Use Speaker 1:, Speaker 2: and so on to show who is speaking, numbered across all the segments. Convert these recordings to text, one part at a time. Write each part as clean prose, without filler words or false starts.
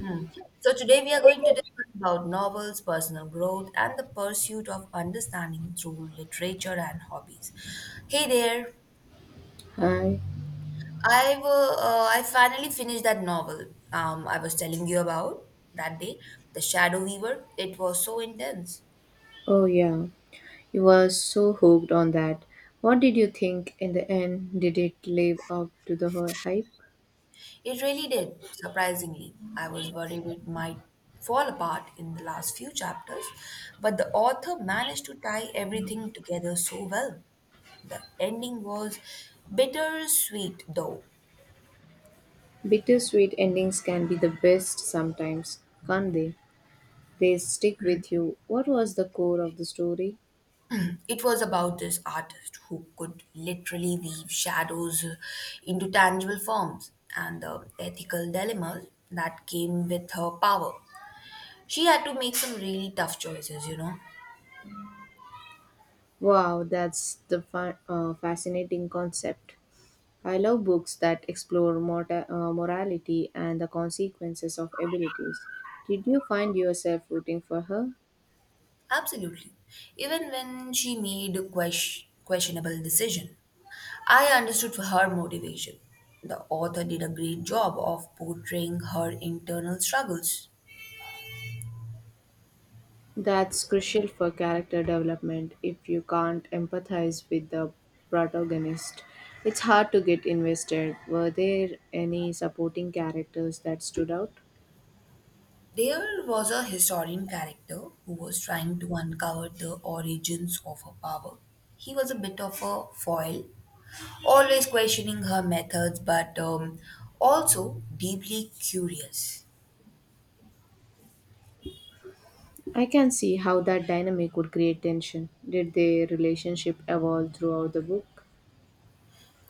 Speaker 1: Hmm. So, today we are going to discuss about novels, personal growth, and the pursuit of understanding through literature and hobbies. Hey there,
Speaker 2: Hi.
Speaker 1: I finally finished that novel I was telling you about that day, The Shadow Weaver. It was so intense.
Speaker 2: Oh, yeah. You were so hooked on that. What did you think in the end? Did it live up to the hype?
Speaker 1: It really did, surprisingly. I was worried it might fall apart in the last few chapters, but the author managed to tie everything together so well. The ending was bittersweet, though.
Speaker 2: Bittersweet endings can be the best sometimes, can't they? They stick with you. What was the core of the story?
Speaker 1: It was about this artist who could literally weave shadows into tangible forms and the ethical dilemmas that came with her power. She had to make some really tough choices, you know.
Speaker 2: Wow, that's the fascinating concept. I love books that explore morality and the consequences of abilities. Did you find yourself rooting for her?
Speaker 1: Absolutely. Even when she made a questionable decision, I understood her motivation. The author did a great job of portraying her internal struggles.
Speaker 2: That's crucial for character development. If you can't empathize with the protagonist, it's hard to get invested. Were there any supporting characters that stood out?
Speaker 1: There was a historian character who was trying to uncover the origins of her power. He was a bit of a foil, always questioning her methods, but also deeply curious.
Speaker 2: I can see how that dynamic would create tension. Did their relationship evolve throughout the book?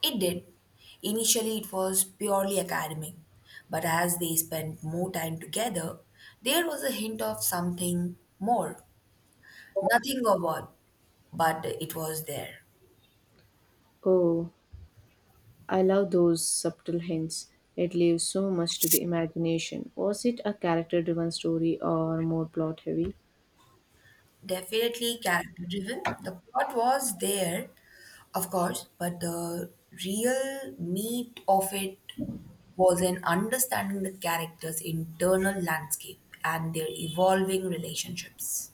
Speaker 1: It did. Initially, it was purely academic, but as they spent more time together, there was a hint of something more. Nothing of what, but it was there.
Speaker 2: Oh, I love those subtle hints. It leaves so much to the imagination. Was it a character driven story or more plot heavy?
Speaker 1: Definitely character driven. The plot was there, of course, but the real meat of it was in understanding the characters' internal landscape and their evolving relationships.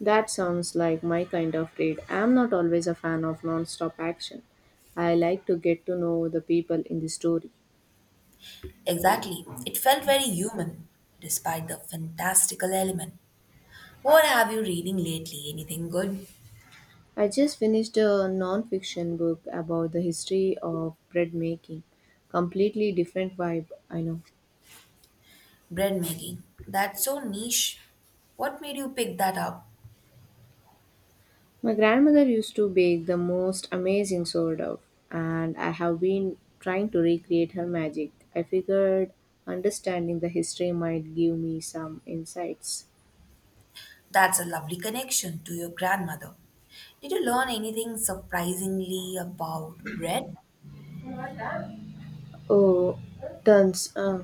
Speaker 2: That sounds like my kind of read. I'm not always a fan of non-stop action. I like to get to know the people in the story.
Speaker 1: Exactly. It felt very human, despite the fantastical element. What have you reading lately? Anything good?
Speaker 2: I just finished a non-fiction book about the history of bread making. Completely different vibe, I know.
Speaker 1: Bread making. That's so niche. What made you pick that up?
Speaker 2: My grandmother used to bake the most amazing sourdough, and I have been trying to recreate her magic. I figured understanding the history might give me some insights.
Speaker 1: That's a lovely connection to your grandmother. Did you learn anything surprisingly about bread?
Speaker 2: Oh, tons. Uh,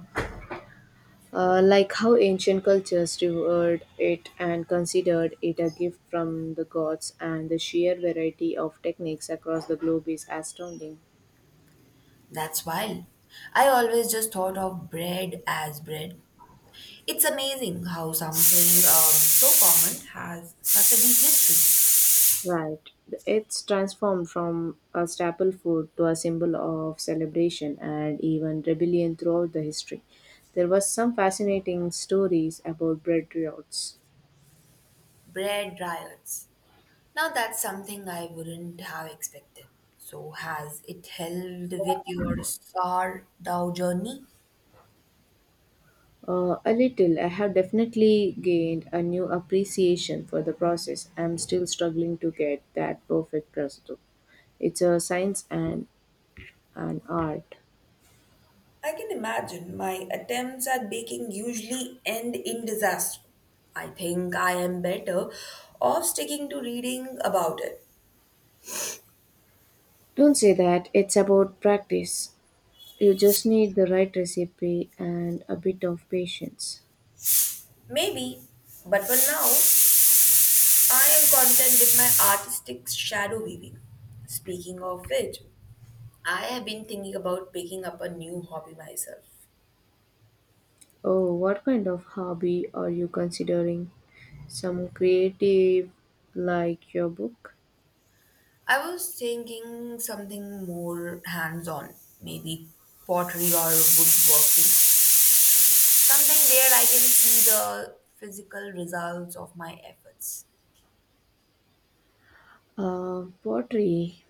Speaker 2: Uh, Like how ancient cultures revered it and considered it a gift from the gods, and the sheer variety of techniques across the globe is astounding.
Speaker 1: That's wild. I always just thought of bread as bread. It's amazing how something so common has such a deep history.
Speaker 2: Right. It's transformed from a staple food to a symbol of celebration and even rebellion throughout the history. There was some fascinating stories about bread riots.
Speaker 1: Bread riots. Now that's something I wouldn't have expected. So has it helped with your sour dough journey?
Speaker 2: A little. I have definitely gained a new appreciation for the process. I'm still struggling to get that perfect prosthetic. It's a science and an art.
Speaker 1: I can imagine my attempts at baking usually end in disaster. I think I am better off sticking to reading about it.
Speaker 2: Don't say that. It's about practice. You just need the right recipe and a bit of patience.
Speaker 1: Maybe, but for now, I am content with my artistic shadow weaving. Speaking of which, I have been thinking about picking up a new hobby myself.
Speaker 2: Oh, what kind of hobby are you considering? Some creative, like your book?
Speaker 1: I was thinking something more hands on, maybe pottery or woodworking. Something where I can see the physical results of my efforts.
Speaker 2: Pottery.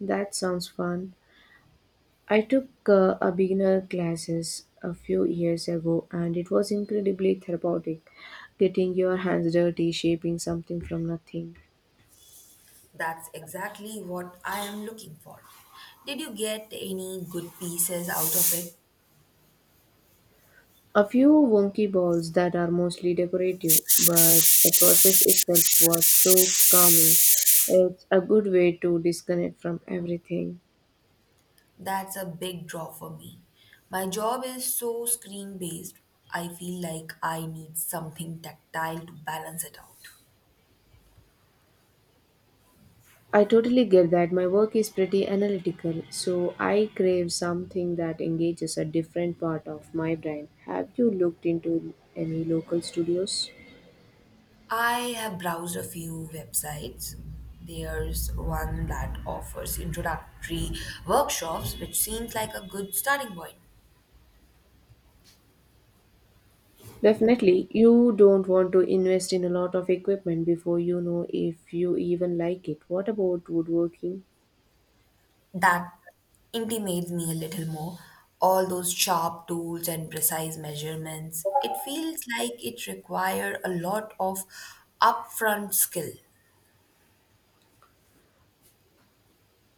Speaker 2: That sounds fun. I took a beginner classes a few years ago and it was incredibly therapeutic. Getting your hands dirty, shaping something from nothing.
Speaker 1: That's exactly what I am looking for. Did you get any good pieces out of it?
Speaker 2: A few wonky balls that are mostly decorative, but the process itself was so calming. It's a good way to disconnect from everything.
Speaker 1: That's a big draw for me. My job is so screen based, I feel like I need something tactile to balance it out.
Speaker 2: I totally get that my work is pretty analytical, so I crave something that engages a different part of my brain. Have you looked into any local studios?
Speaker 1: I have browsed a few websites. There's one that offers introductory workshops, which seems like a good starting point.
Speaker 2: Definitely, you don't want to invest in a lot of equipment before you know if you even like it. What about woodworking?
Speaker 1: That intimates me a little more. All those sharp tools and precise measurements. It feels like it requires a lot of upfront skill.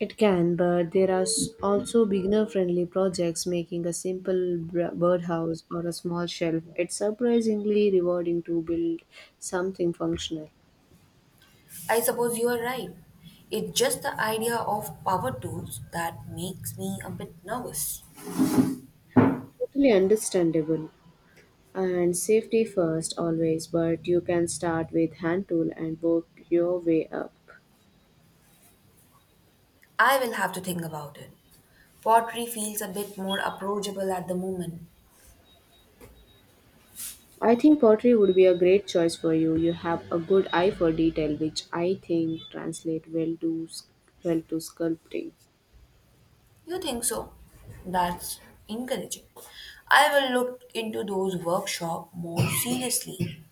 Speaker 2: It can, but there are also beginner friendly projects making a simple birdhouse or a small shelf. It's surprisingly rewarding to build something functional.
Speaker 1: I suppose you are right. It's just the idea of power tools that makes me a bit nervous.
Speaker 2: Totally understandable and safety first always, but you can start with hand tool and work your way up.
Speaker 1: I will have to think about it. Pottery feels a bit more approachable at the moment.
Speaker 2: I think pottery would be a great choice for you. You have a good eye for detail, which I think translate well to sculpting.
Speaker 1: You think so? That's encouraging. I will look into those workshop more seriously.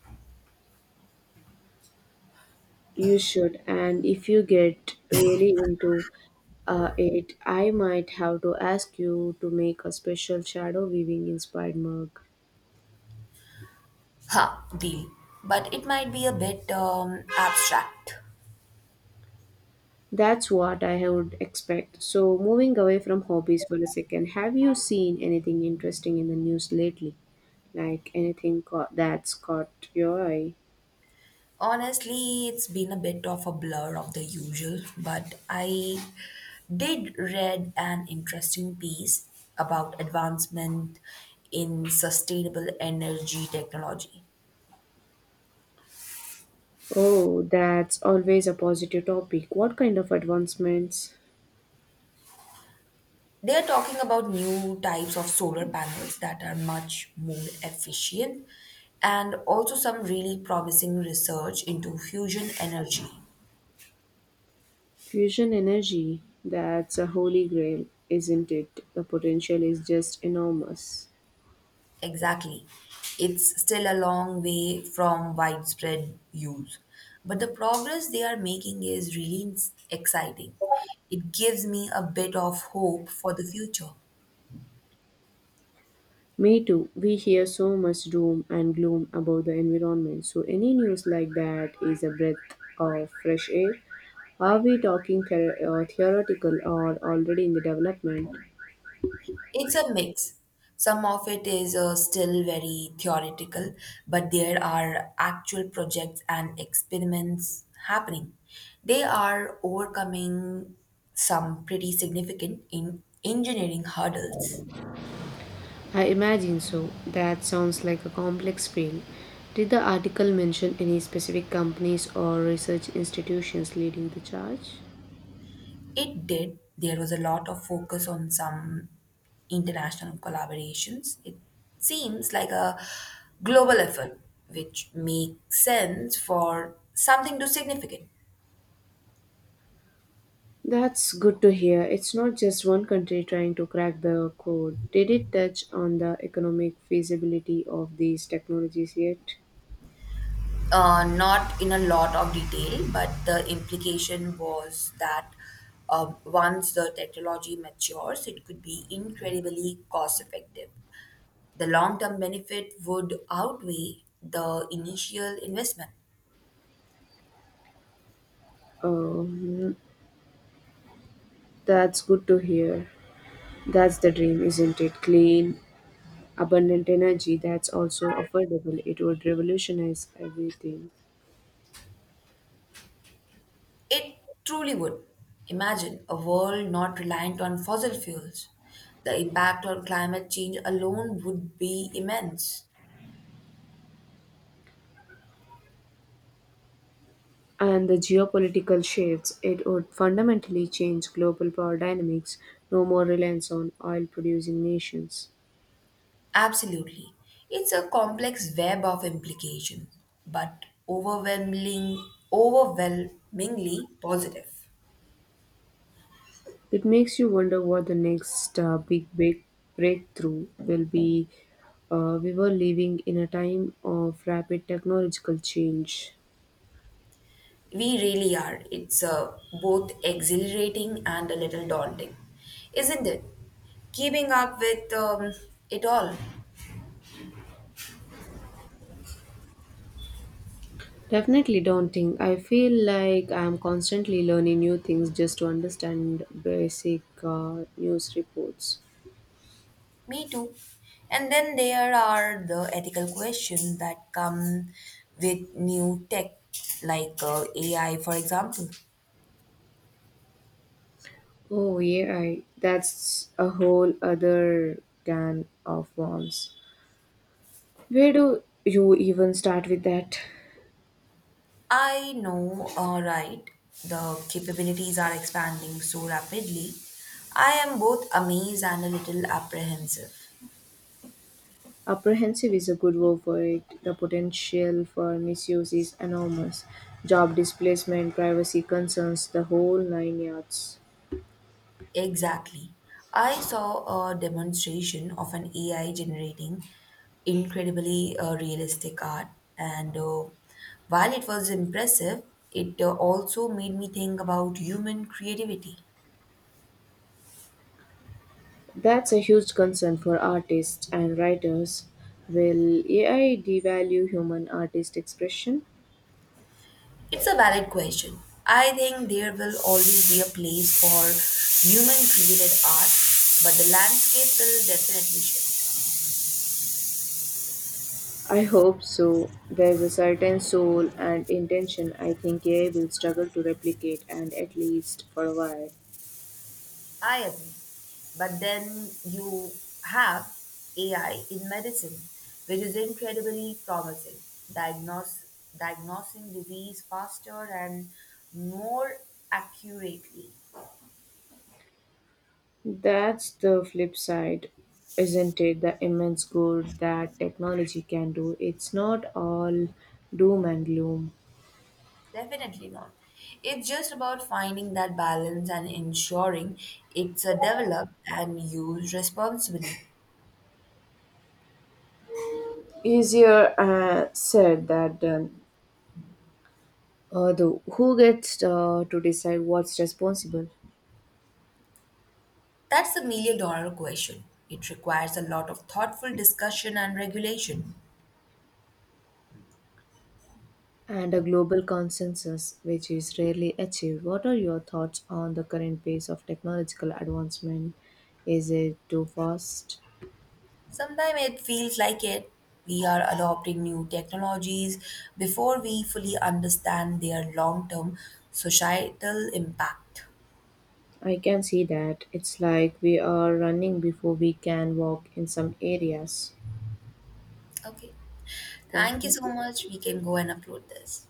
Speaker 2: You should, and if you get really into it, I might have to ask you to make a special shadow weaving inspired mug.
Speaker 1: Ha, deal. But it might be a bit abstract.
Speaker 2: That's what I would expect. So, moving away from hobbies for a second, have you seen anything interesting in the news lately? Like anything that's caught your eye?
Speaker 1: Honestly, it's been a bit of a blur of the usual, but I did read an interesting piece about advancement in sustainable energy technology.
Speaker 2: Oh, that's always a positive topic. What kind of advancements?
Speaker 1: They are talking about new types of solar panels that are much more efficient and also some really promising research into fusion energy.
Speaker 2: Fusion energy, that's a holy grail, isn't it? The potential is just enormous.
Speaker 1: Exactly. It's still a long way from widespread use, but the progress they are making is really exciting. It gives me a bit of hope for the future.
Speaker 2: Me too. We hear so much doom and gloom about the environment, so any news like that is a breath of fresh air. Are we talking theoretical or already in the development?
Speaker 1: It's a mix. Some of it is still very theoretical, but there are actual projects and experiments happening. They are overcoming some pretty significant in engineering hurdles.
Speaker 2: I imagine so. That sounds like a complex field. Did the article mention any specific companies or research institutions leading the charge?
Speaker 1: It did. There was a lot of focus on some international collaborations. It seems like a global effort, which makes sense for something to significant.
Speaker 2: That's good to hear. It's not just one country trying to crack the code. Did it touch on the economic feasibility of these technologies yet?
Speaker 1: Not in a lot of detail, but the implication was that once the technology matures, it could be incredibly cost effective. The long term benefit would outweigh the initial investment.
Speaker 2: Um, that's good to hear. That's the dream, isn't it? Clean, abundant energy that's also affordable. It would revolutionize everything.
Speaker 1: It truly would. Imagine a world not reliant on fossil fuels. The impact on climate change alone would be immense.
Speaker 2: And the geopolitical shifts, it would fundamentally change global power dynamics, no more reliance on oil producing nations.
Speaker 1: Absolutely. It's a complex web of implications, but overwhelmingly positive.
Speaker 2: It makes you wonder what the next big breakthrough will be. We were living in a time of rapid technological change.
Speaker 1: We really are. It's both exhilarating and a little daunting, isn't it? Keeping up with it all.
Speaker 2: Definitely daunting. I feel like I'm constantly learning new things just to understand basic news reports.
Speaker 1: Me too. And then there are the ethical questions that come with new tech, like AI, for example.
Speaker 2: Oh, AI. That's a whole other can of worms. Where do you even start with that?
Speaker 1: I know, right? The capabilities are expanding so rapidly. I am both amazed and a little apprehensive.
Speaker 2: Apprehensive is a good word for it. The potential for misuse is enormous. Job displacement, privacy concerns, the whole nine yards.
Speaker 1: Exactly. I saw a demonstration of an AI generating incredibly realistic art, and while it was impressive, it also made me think about human creativity.
Speaker 2: That's a huge concern for artists and writers. Will AI devalue human artist expression?
Speaker 1: It's a valid question. I think there will always be a place for human created art, but the landscape will definitely shift.
Speaker 2: I hope so. There's a certain soul and intention I think AI will struggle to replicate, and at least for a while.
Speaker 1: I agree. But then you have AI in medicine, which is incredibly promising, diagnose, diagnosing disease faster and more accurately.
Speaker 2: That's the flip side, isn't it? The immense good that technology can do. It's not all doom and gloom.
Speaker 1: Definitely not. It's just about finding that balance and ensuring it's a developed and used responsibly.
Speaker 2: Easier said than done. Although, who gets to decide what's responsible?
Speaker 1: That's the million dollar question. It requires a lot of thoughtful discussion and regulation.
Speaker 2: And a global consensus, which is rarely achieved. What are your thoughts on the current pace of technological advancement? Is it too fast?
Speaker 1: Sometimes it feels like it. We are adopting new technologies before we fully understand their long term societal impact.
Speaker 2: I can see that. It's like we are running before we can walk in some areas.
Speaker 1: Okay. Thank you so
Speaker 2: Okay.
Speaker 1: much. We can go and upload this.